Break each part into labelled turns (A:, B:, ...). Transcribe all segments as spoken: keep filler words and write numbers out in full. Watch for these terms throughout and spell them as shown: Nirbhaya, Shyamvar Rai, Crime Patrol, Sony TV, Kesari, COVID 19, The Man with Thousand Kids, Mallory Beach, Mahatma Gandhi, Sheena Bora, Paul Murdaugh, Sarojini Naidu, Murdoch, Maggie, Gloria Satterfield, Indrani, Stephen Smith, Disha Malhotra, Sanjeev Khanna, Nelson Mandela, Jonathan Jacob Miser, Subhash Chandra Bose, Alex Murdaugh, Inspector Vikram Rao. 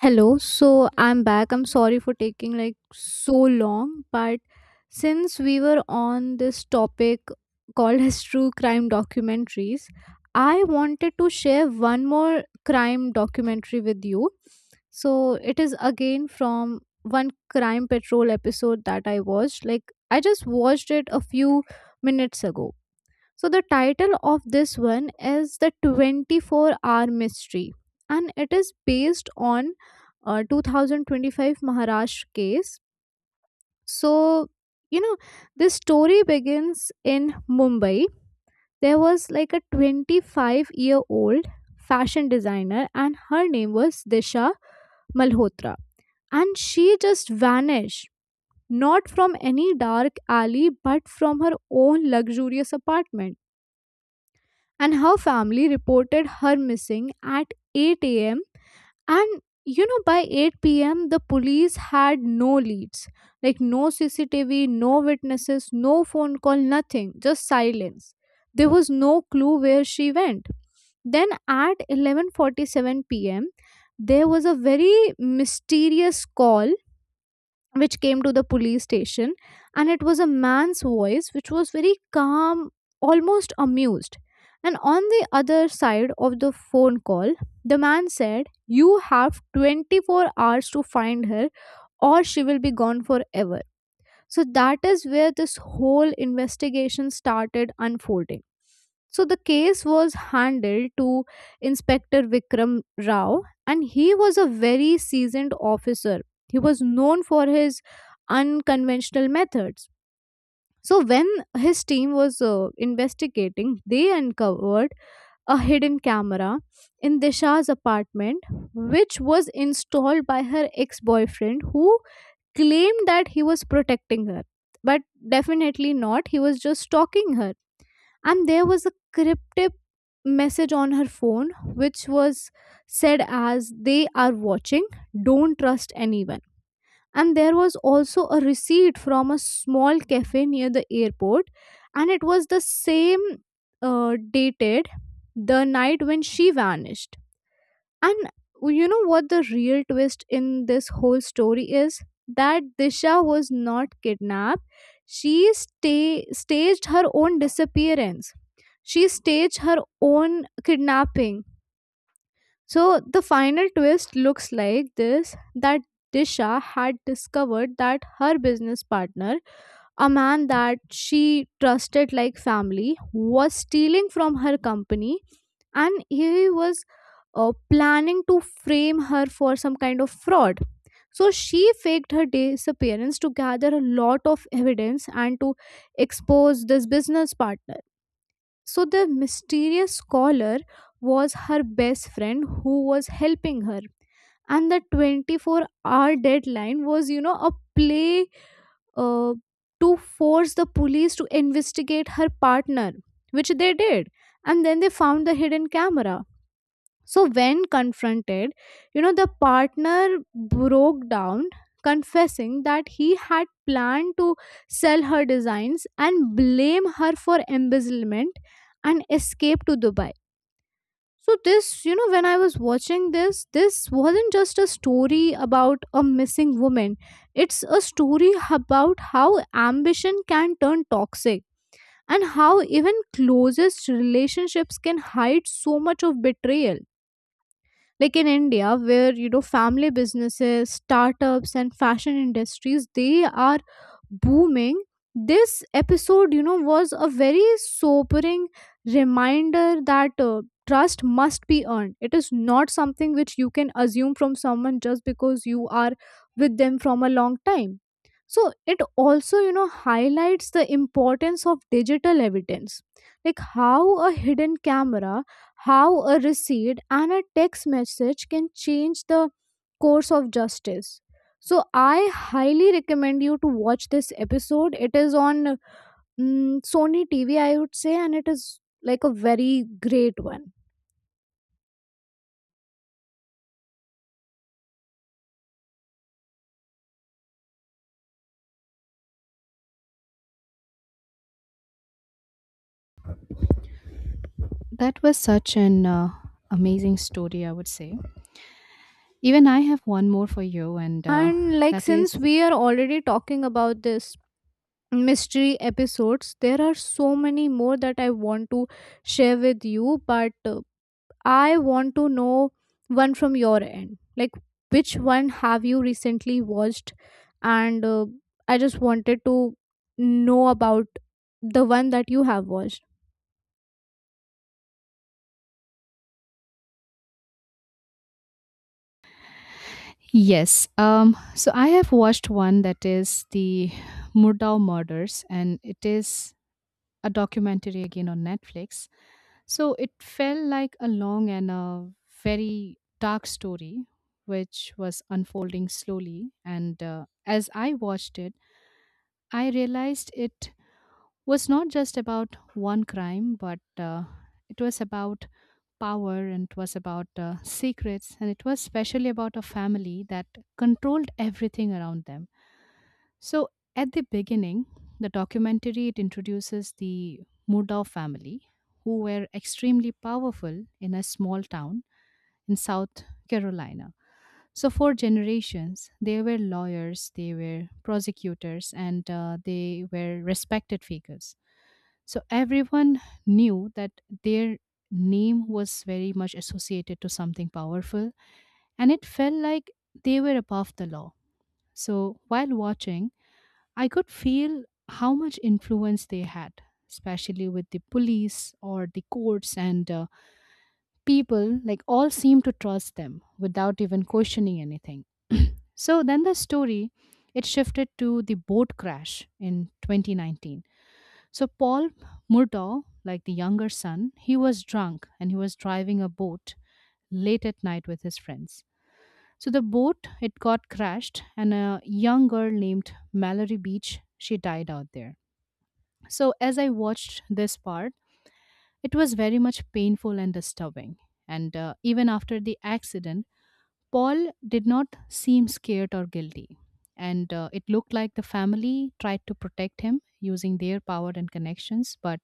A: Hello, so I'm back. I'm sorry for taking like so long, but since we were on this topic called as true crime documentaries, I wanted to share one more crime documentary with you. So it is again from one crime patrol episode that I watched. Like I just watched it a few minutes ago. So the title of this one is the twenty-four hour mystery and it is based on uh, two thousand twenty-five Maharashtra case. So you know this story begins in Mumbai. There was like a twenty-five year old fashion designer and her name was Disha Malhotra, and she just vanished not from any dark alley but from her own luxurious apartment, and her family reported her missing at eight a m. And you know, by eight p m, the police had no leads, like no C C T V, no witnesses, no phone call, nothing, just silence. There was no clue where she went. Then at eleven forty-seven p m, there was a very mysterious call which came to the police station, and it was a man's voice which was very calm, almost amused. And on the other side of the phone call, the man said, you have twenty-four hours to find her or she will be gone forever. So that is where this whole investigation started unfolding. So the case was handed to Inspector Vikram Rao, and he was a very seasoned officer. He was known for his unconventional methods. So when his team was uh, investigating, they uncovered a hidden camera in Disha's apartment, which was installed by her ex-boyfriend, who claimed that he was protecting her, but definitely not. He was just stalking her. And there was a cryptic message on her phone which was said as, they are watching, don't trust anyone. And there was also a receipt from a small cafe near the airport, and it was the same, uh, dated the night when she vanished. And you know what the real twist in this whole story is? That Disha was not kidnapped. She sta- staged her own disappearance. She staged her own kidnapping. So the final twist looks like this, that Disha had discovered that her business partner, a man that she trusted like family, was stealing from her company, and he was uh, planning to frame her for some kind of fraud. So she faked her disappearance to gather a lot of evidence and to expose this business partner. So the mysterious caller was her best friend who was helping her. And the twenty-four hour deadline was, you know, a play uh, to force the police to investigate her partner, which they did. And then they found the hidden camera. So when confronted, you know, the partner broke down, confessing that he had planned to sell her designs and blame her for embezzlement and escape to Dubai. So this, you know, when I was watching this, this wasn't just a story about a missing woman. It's a story about how ambition can turn toxic and how even closest relationships can hide so much of betrayal, like in India, where you know family businesses, startups and fashion industries, they are booming. This episode, you know was a very sobering reminder that uh, trust must be earned. It is not something which you can assume from someone just because you are with them from a long time. So it also, you know highlights the importance of digital evidence, like how a hidden camera, how a receipt and a text message can change the course of justice. So, I highly recommend you to watch this episode. It is on mm, Sony T V, I would say, and it is like a very great one.
B: That was such an uh, amazing story, I would say. Even I have one more for you, and uh,
A: And, like,
B: that is
A: since we are already talking about this mystery episodes, there are so many more that I want to share with you, but uh, I want to know one from your end. Like, which one have you recently watched? And uh, I just wanted to know about the one that you have watched.
B: yes. Um, so I have watched one that is the Murdow murders, and it is a documentary again on Netflix. So it felt like a long and a very dark story, which was unfolding slowly. And uh, as I watched it, I realized it was not just about one crime, but uh, it was about power and it was about uh, secrets and it was especially about a family that controlled everything around them. So at the beginning, the documentary it introduces the Murdoch family, who were extremely powerful in a small town in South Carolina. So for generations, they were lawyers, they were prosecutors, and uh, they were respected figures. So everyone knew that their name was very much associated to something powerful, and it felt like they were above the law. So while watching, I could feel how much influence they had, especially with the police or the courts and uh, people, like all seemed to trust them without even questioning anything. So then the story it shifted to the boat crash in twenty nineteen. So Paul Murdaugh, like the younger son, he was drunk and he was driving a boat late at night with his friends. So the boat it got crashed and a young girl named Mallory Beach, she died out there. So as I watched this part, it was very much painful and disturbing. And uh, even after the accident, Paul did not seem scared or guilty. And uh, it looked like the family tried to protect him using their power and connections, but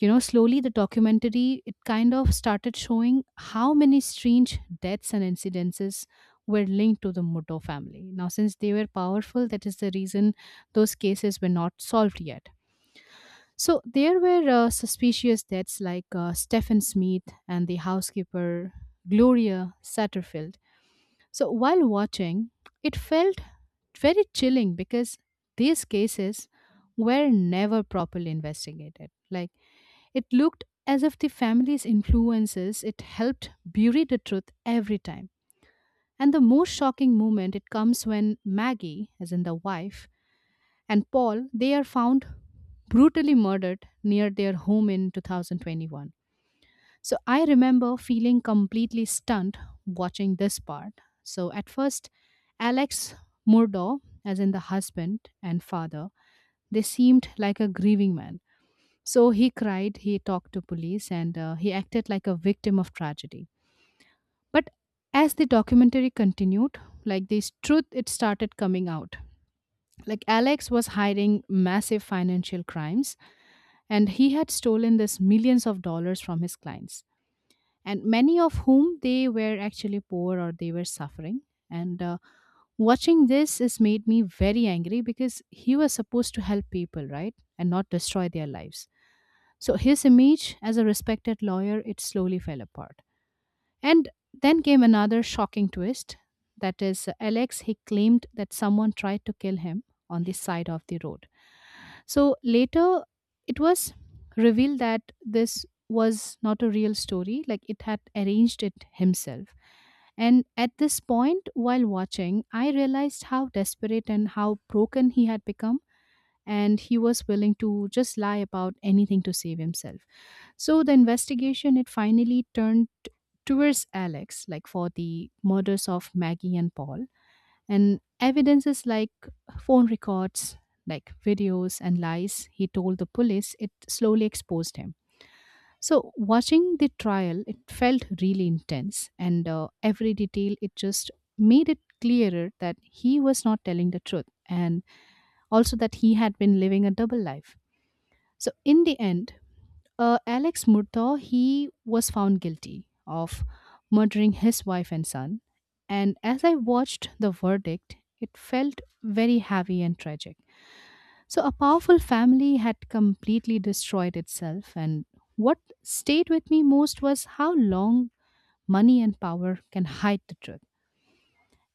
B: you know slowly the documentary it kind of started showing how many strange deaths and incidences were linked to the Muto family. Now since they were powerful, that is the reason those cases were not solved yet. So there were uh, suspicious deaths like uh, Stephen Smith and the housekeeper Gloria Satterfield. So while watching, it felt very chilling because these cases were never properly investigated. Like it looked as if the family's influences it helped bury the truth every time. And the most shocking moment it comes when Maggie, as in the wife, and Paul, they are found brutally murdered near their home in two thousand twenty-one. So I remember feeling completely stunned watching this part. So at first, Alex Murdo, as in the husband and father, they seemed like a grieving man. So he cried, he talked to police, and uh, he acted like a victim of tragedy. But as the documentary continued, like this truth, it started coming out. Like Alex was hiding massive financial crimes, and he had stolen this millions of dollars from his clients, and many of whom they were actually poor or they were suffering. And uh, watching this has made me very angry because he was supposed to help people, right, and not destroy their lives. So his image as a respected lawyer it slowly fell apart. And then came another shocking twist. That is, Alex he claimed that someone tried to kill him on the side of the road. So later it was revealed that this was not a real story, like it had arranged it himself. And at this point, while watching, I realized how desperate and how broken he had become, and he was willing to just lie about anything to save himself. So the investigation it finally turned towards Alex, like for the murders of Maggie and Paul, and evidences like phone records, like videos and lies he told the police, it slowly exposed him. So watching the trial, it felt really intense, and uh, every detail it just made it clearer that he was not telling the truth, and also that he had been living a double life. So in the end, uh, Alex Murtaugh he was found guilty of murdering his wife and son. And as I watched the verdict, it felt very heavy and tragic. So a powerful family had completely destroyed itself. And what stayed with me most was how long money and power can hide the truth.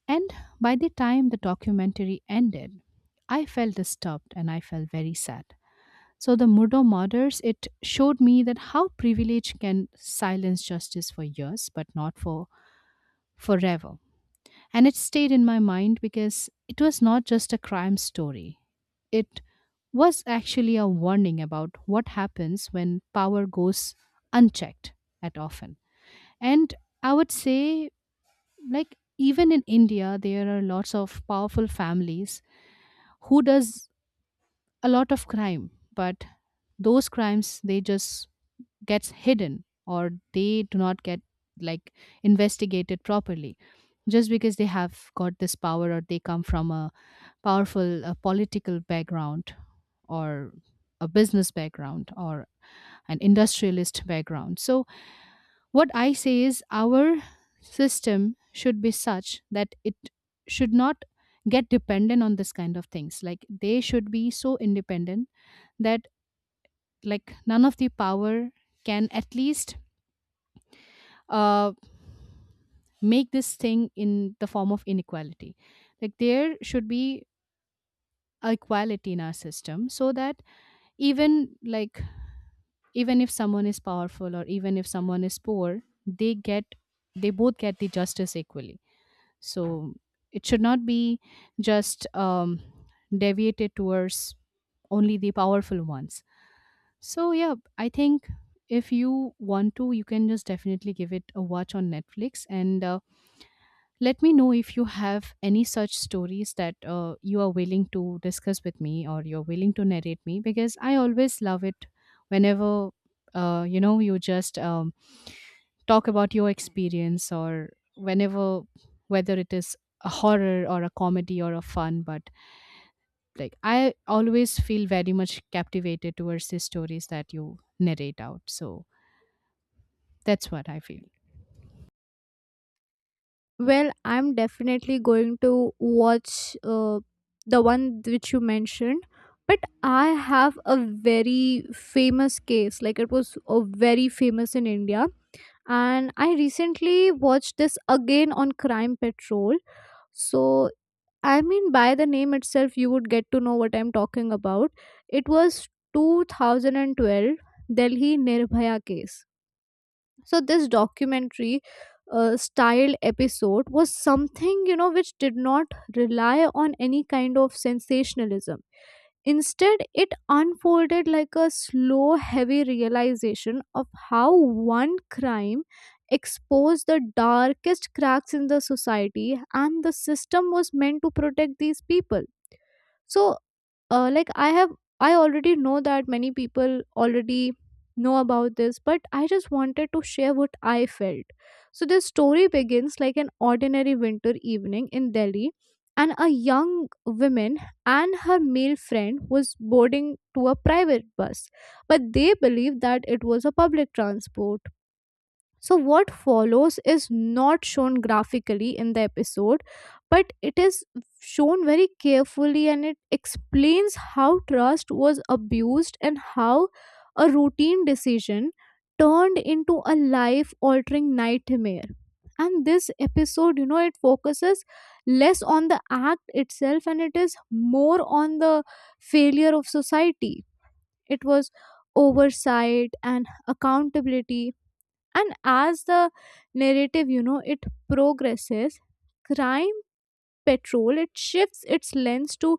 B: And by the time the documentary ended, I felt disturbed and I felt very sad. So the Murdo murders, it showed me that how privilege can silence justice for years, but not for forever. And it stayed in my mind because it was not just a crime story. It was actually a warning about what happens when power goes unchecked at often. And I would say, like, even in India, there are lots of powerful families who does a lot of crime, but those crimes they just gets hidden or they do not get like investigated properly just because they have got this power or they come from a powerful uh, political background or a business background or an industrialist background. So, what I say is our system should be such that it should not get dependent on this kind of things. Like, they should be so independent that, like, none of the power can at least uh, make this thing in the form of inequality. Like there should be equality in our system so that even like even if someone is powerful or even if someone is poor, they get, they both get the justice equally. So it should not be just um, deviated towards only the powerful ones. So yeah, I think if you want to you can just definitely give it a watch on Netflix and uh, let me know if you have any such stories that uh, you are willing to discuss with me or you're willing to narrate me because I always love it whenever uh, you know you just um, talk about your experience or whenever, whether it is a horror or a comedy or a fun, but like I always feel very much captivated towards the stories that you narrate out. So that's what I feel.
A: Well, I'm definitely going to watch uh, the one which you mentioned. But I have a very famous case. Like, it was uh, very famous in India. And I recently watched this again on Crime Patrol. So, I mean, by the name itself, you would get to know what I'm talking about. It was two thousand twelve Delhi Nirbhaya case. So, this documentary uh, style episode was something, you know, which did not rely on any kind of sensationalism. Instead, it unfolded like a slow, heavy realization of how one crime exposed the darkest cracks in the society, and the system was meant to protect these people. So, uh, like i have I already know that many people already know about this, but I just wanted to share what I felt. So this story begins like an ordinary winter evening in Delhi. And a young woman and her male friend was boarding to a private bus, but they believed that it was a public transport. So, what follows is not shown graphically in the episode, but it is shown very carefully, and it explains how trust was abused and how a routine decision turned into a life altering nightmare. And this episode, you know, it focuses less on the act itself, and it is more on the failure of society. It was oversight and accountability. And as the narrative, you know, it progresses, Crime Patrol, it shifts its lens to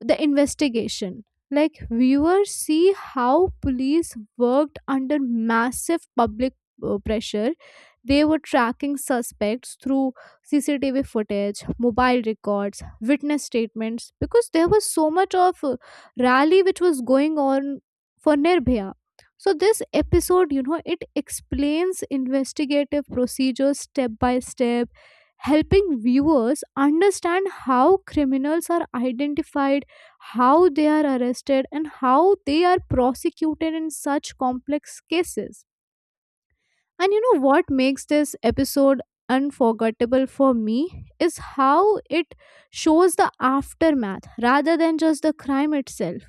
A: the investigation. Like, viewers see how police worked under massive public uh, pressure. They were tracking suspects through C C T V footage, mobile records, witness statements, because there was so much of uh, rally which was going on for Nirbhaya. So, this episode, you know, it explains investigative procedures step by step, helping viewers understand how criminals are identified, how they are arrested and how they are prosecuted in such complex cases. And you know what makes this episode unforgettable for me is how it shows the aftermath rather than just the crime itself.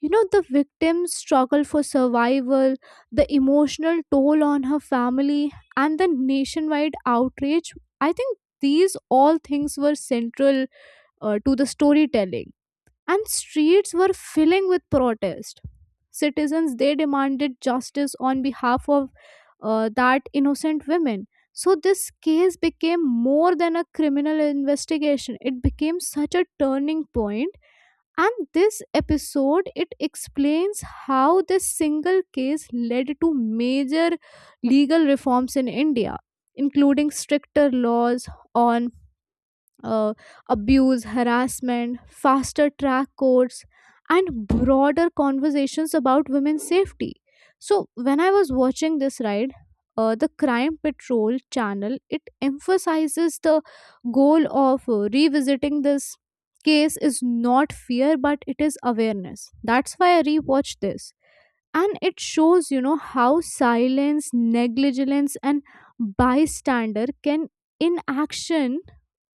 A: You know, the victim's struggle for survival, the emotional toll on her family, and the nationwide outrage. I think these all things were central uh, to the storytelling, and streets were filling with protest. Citizens, they demanded justice on behalf of uh, that innocent women. So this case became more than a criminal investigation. It became such a turning point. And this episode, it explains how this single case led to major legal reforms in India, including stricter laws on uh, abuse, harassment, faster track courts, and broader conversations about women's safety. So when I was watching this ride, uh, the Crime Patrol channel, it emphasizes the goal of uh, revisiting this case is not fear but it is awareness. That's why I rewatched this. And it shows, you know how silence, negligence and bystander can inaction,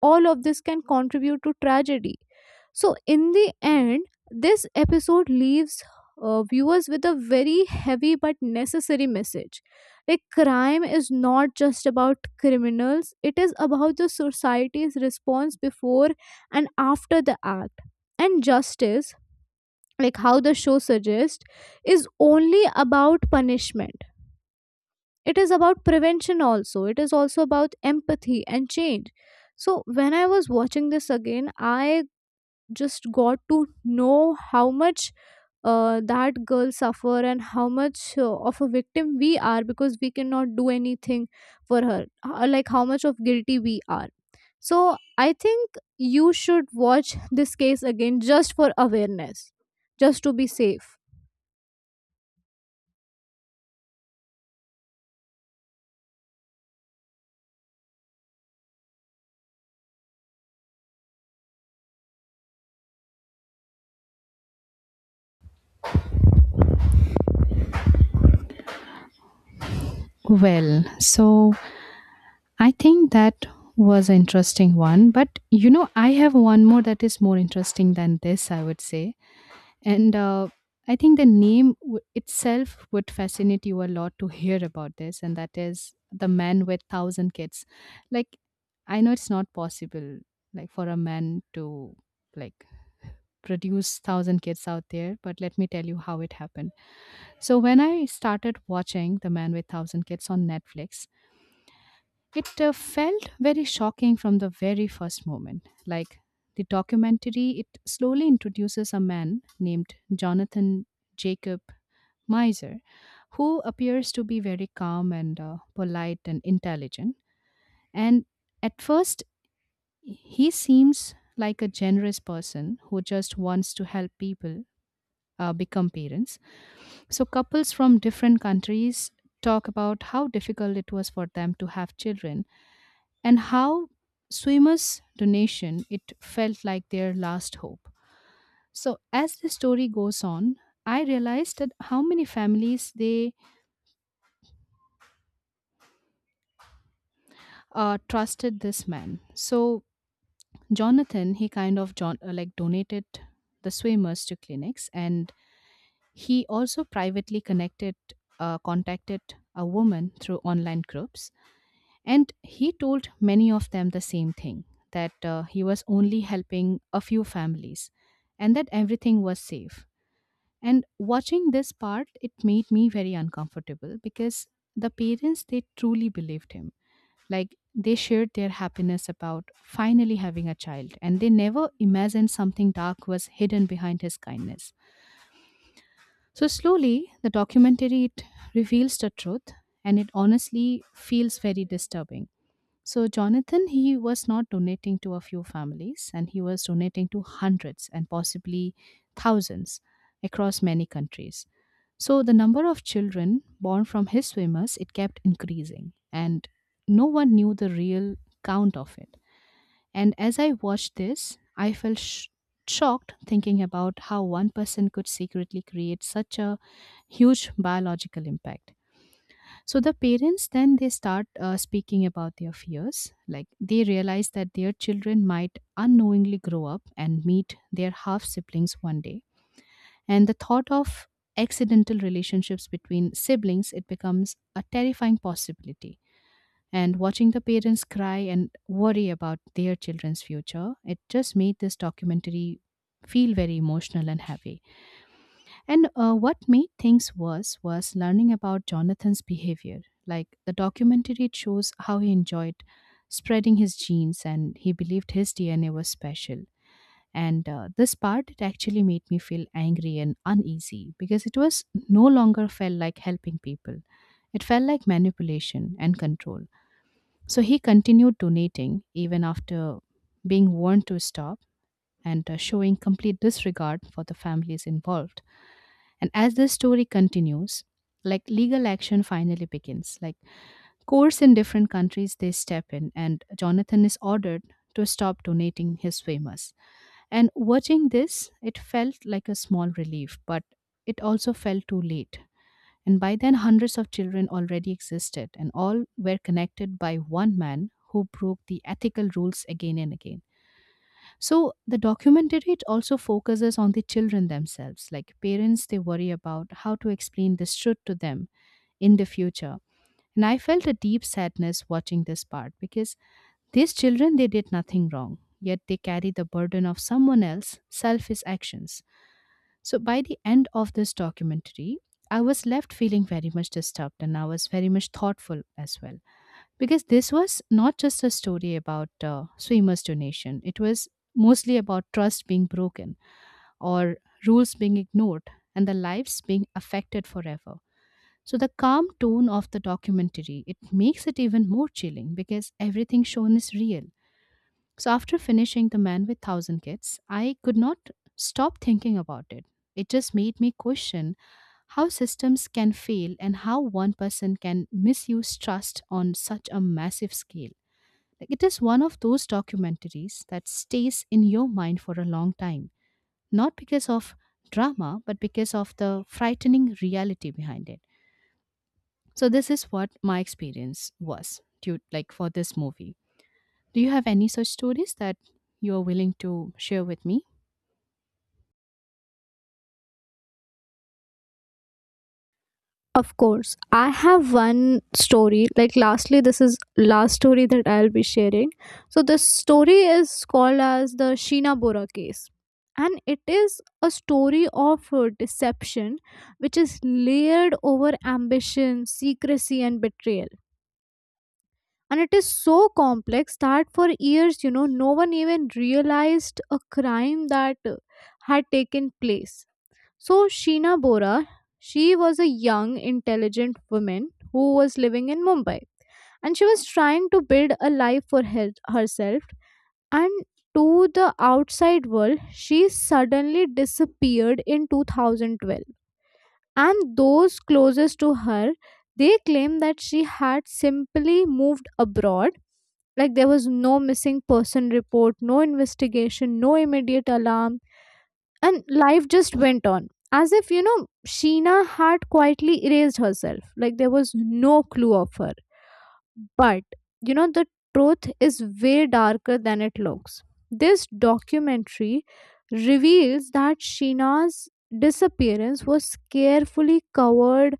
A: all of this can contribute to tragedy. So in the end, this episode leaves uh, viewers with a very heavy but necessary message, like crime is not just about criminals, it is about the society's response before and after the act. And justice, like how the show suggests, is only about punishment. It is about prevention also. It is also about empathy and change. So when I was watching this again, I just got to know how much uh, that girl suffer, and how much uh, of a victim we are, because we cannot do anything for her. Uh, like how much of guilty we are. So I think you should watch this case again, just for awareness, just to be safe.
B: Well, so I think that was an interesting one, but you know, I have one more that is more interesting than this, I would say. And uh, I think the name w- itself would fascinate you a lot to hear about this, and that is The Man with Thousand Kids. Like, I know it's not possible, like for a man to like produce thousand kids out there, but let me tell you how it happened. So when I started watching The Man with Thousand Kids on Netflix, it uh, felt very shocking from the very first moment. Like the documentary, it slowly introduces a man named Jonathan Jacob Miser, who appears to be very calm and uh, polite and intelligent. And at first, he seems like a generous person who just wants to help people uh, become parents. So, couples from different countries talk about how difficult it was for them to have children and how swimmers' donation it felt like their last hope. So as the story goes on, I realized that how many families they uh, trusted this man. So Jonathan, he kind of John, uh, like donated the swimmers to clinics, and he also privately connected, uh, contacted a woman through online groups. And he told many of them the same thing that uh, he was only helping a few families and that everything was safe. And watching this part, it made me very uncomfortable because the parents, they truly believed him. Like they shared their happiness about finally having a child and they never imagined something dark was hidden behind his kindness. So slowly, the documentary it reveals the truth and it honestly feels very disturbing. So Jonathan, he was not donating to a few families, and he was donating to hundreds and possibly thousands across many countries. So the number of children born from his swimmers it kept increasing, and no one knew the real count of it. And as I watched this, I felt sh- shocked thinking about how one person could secretly create such a huge biological impact. So the parents then they start uh, speaking about their fears. Like they realize that their children might unknowingly grow up and meet their half siblings one day, and the thought of accidental relationships between siblings it becomes a terrifying possibility. And watching the parents cry and worry about their children's future, it just made this documentary feel very emotional and heavy. And uh, what made things worse was learning about Jonathan's behavior. Like the documentary, it shows how he enjoyed spreading his genes and he believed his D N A was special. And uh, this part, it actually made me feel angry and uneasy because it was no longer felt like helping people. It felt like manipulation and control. So he continued donating even after being warned to stop and uh, showing complete disregard for the families involved. And as the story continues, like legal action finally begins. Like courts in different countries they step in and Jonathan is ordered to stop donating his famous. And watching this, it felt like a small relief, but it also felt too late. And by then hundreds of children already existed and all were connected by one man who broke the ethical rules again and again. So the documentary it also focuses on the children themselves. Like parents, they worry about how to explain this truth to them in the future. And I felt a deep sadness watching this part because these children they did nothing wrong, yet they carry the burden of someone else's selfish actions. So by the end of this documentary, I was left feeling very much disturbed and I was very much thoughtful as well, because this was not just a story about uh, swimmers donation. It was mostly about trust being broken or rules being ignored and the lives being affected forever. So the calm tone of the documentary it makes it even more chilling because everything shown is real. So after finishing The Man with a thousand Kids, I could not stop thinking about it. It just made me question how systems can fail and how one person can misuse trust on such a massive scale. Like, it is one of those documentaries that stays in your mind for a long time, not because of drama, but because of the frightening reality behind it. So this is what my experience was due, like for this movie. Do you have any such stories that you are willing to share with me?
A: Of course, I have one story. Like, lastly, this is last story that I'll be sharing. So, this story is called as the Sheena Bora case, and it is a story of uh, deception, which is layered over ambition, secrecy, and betrayal. And it is so complex that for years, you know, no one even realized a crime that uh, had taken place. So Sheena Bora, she was a young, intelligent woman who was living in Mumbai. And she was trying to build a life for her- herself. And to the outside world, she suddenly disappeared in twenty twelve. And those closest to her, they claim that she had simply moved abroad. Like there was no missing person report, no investigation, no immediate alarm, and life just went on as if, you know Sheena had quietly erased herself. Like there was no clue of her. But you know the truth is way darker than it looks. This documentary reveals that Sheena's disappearance was carefully covered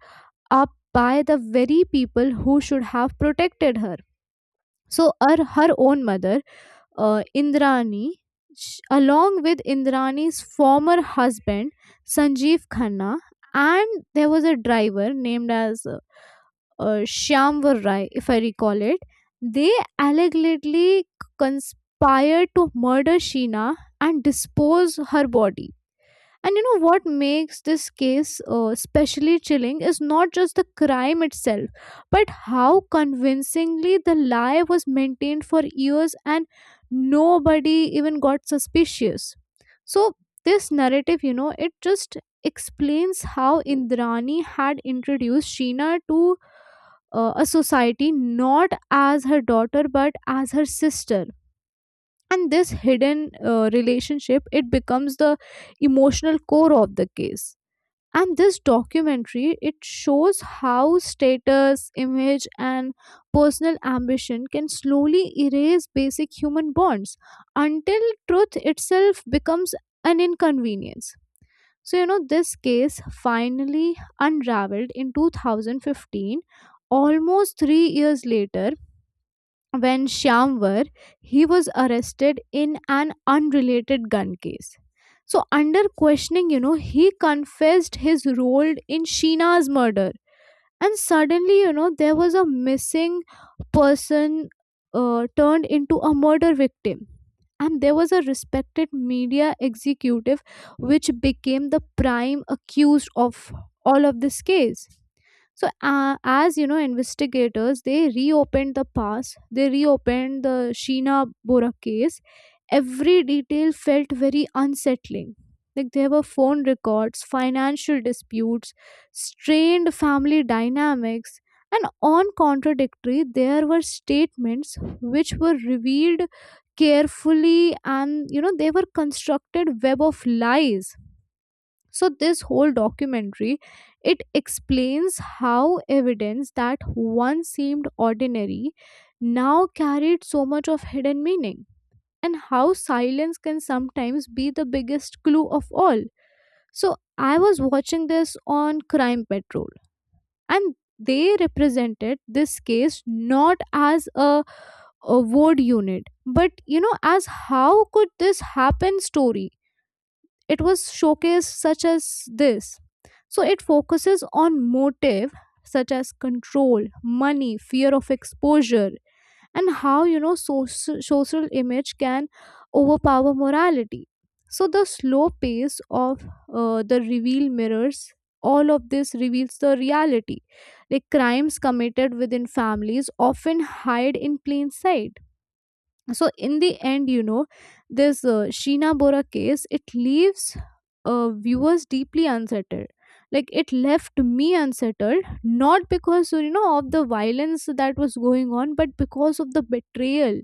A: up by the very people who should have protected her. So her, her own mother, uh, Indrani, sh- along with Indrani's former husband, Sanjeev Khanna, and there was a driver named as uh, uh, Shyamvar Rai, if I recall it. They allegedly conspired to murder Sheena and dispose her body. And you know what makes this case uh, especially chilling is not just the crime itself, but how convincingly the lie was maintained for years, and nobody even got suspicious. So, this narrative, you know, it just explains how Indrani had introduced Sheena to uh, a society not as her daughter but as her sister. And this hidden uh, relationship, it becomes the emotional core of the case. And this documentary, it shows how status, image and personal ambition can slowly erase basic human bonds until truth itself becomes an inconvenience. So, you know this case finally unraveled in two thousand fifteen, almost three years later, when Shyamvar, he was arrested in an unrelated gun case. So under questioning, you know, he confessed his role in Sheena's murder. And suddenly, you know, there was a missing person uh, turned into a murder victim. And there was a respected media executive which became the prime accused of all of this case. So uh, as you know, investigators, they reopened the past, they reopened the Sheena Bora case. Every detail felt very unsettling, like there were phone records, financial disputes, strained family dynamics, and on contradictory, there were statements which were revealed carefully. And you know they were constructed web of lies. So this whole documentary, it explains how evidence that once seemed ordinary now carried so much of hidden meaning, and how silence can sometimes be the biggest clue of all. So I was watching this on Crime Patrol, and they represented this case not as a, a word unit, but you know as how could this happen story. It was showcased such as this. So it focuses on motive, such as control, money, fear of exposure, and how you know social, social image can overpower morality. So the slow pace of uh, the reveal mirrors all of this, reveals the reality, like crimes committed within families often hide in plain sight. So in the end, you know this uh, Sheena Bora case, it leaves uh, viewers deeply unsettled. Like, it left me unsettled, not because you know of the violence that was going on, but because of the betrayal.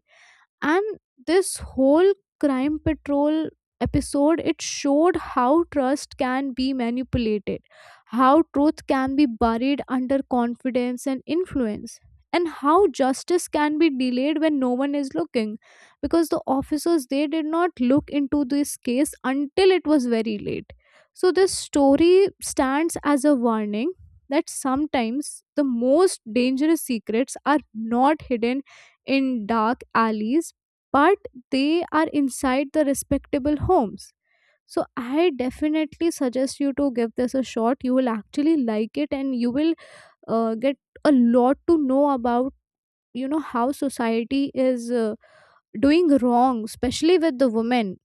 A: And this whole Crime Patrol episode, it showed how trust can be manipulated, how truth can be buried under confidence and influence, and how justice can be delayed when no one is looking, because the officers, they did not look into this case until it was very late. So this story stands as a warning that sometimes the most dangerous secrets are not hidden in dark alleys, but they are inside the respectable homes. So I definitely suggest you to give this a shot. You will actually like it and you will uh, get a lot to know about you know how society is uh, doing wrong, especially with the women.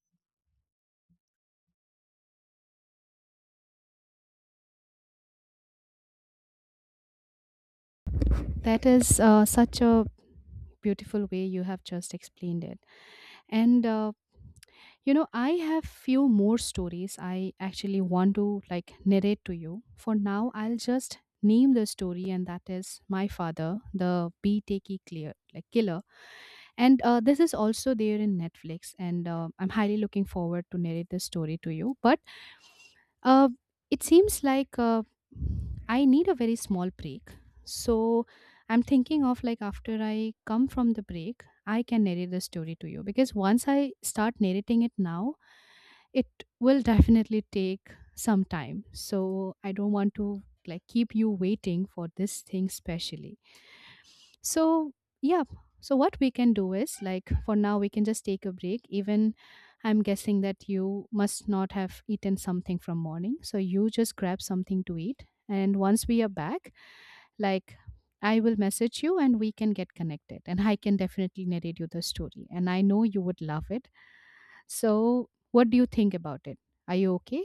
B: That is uh, such a beautiful way you have just explained it. And uh, you know, I have few more stories I actually want to like narrate to you. For now, I'll just name the story and that is My Father, the Bee Takey Clear like Killer. And uh, this is also there in Netflix and uh, I'm highly looking forward to narrate this story to you. But uh, it seems like uh, I need a very small break. So I'm thinking of like after I come from the break, I can narrate the story to you because once I start narrating it now, it will definitely take some time. So I don't want to like keep you waiting for this thing specially. So yeah, so what we can do is like for now we can just take a break. Even I'm guessing that you must not have eaten something from morning, so you just grab something to eat and once we are back, like I will message you and we can get connected and I can definitely narrate you the story and I know you would love it. So, what do you think about it? Are you okay?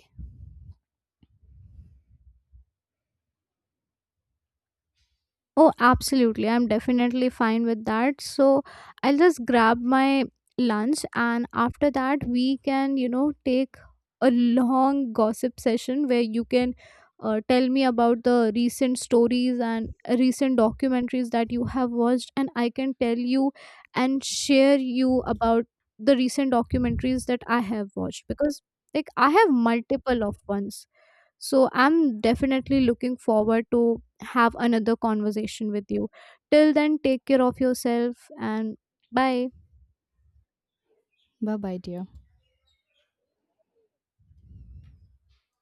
A: Oh, absolutely. I'm definitely fine with that. So I'll just grab my lunch, and after that, we can, you know, take a long gossip session where you can uh, tell me about the recent stories and recent documentaries that you have watched, and I can tell you and share you about the recent documentaries that I have watched because, like, I have multiple of ones. So I'm definitely looking forward to have another conversation with you. Till then, take care of yourself, and bye.
B: Bye bye, dear.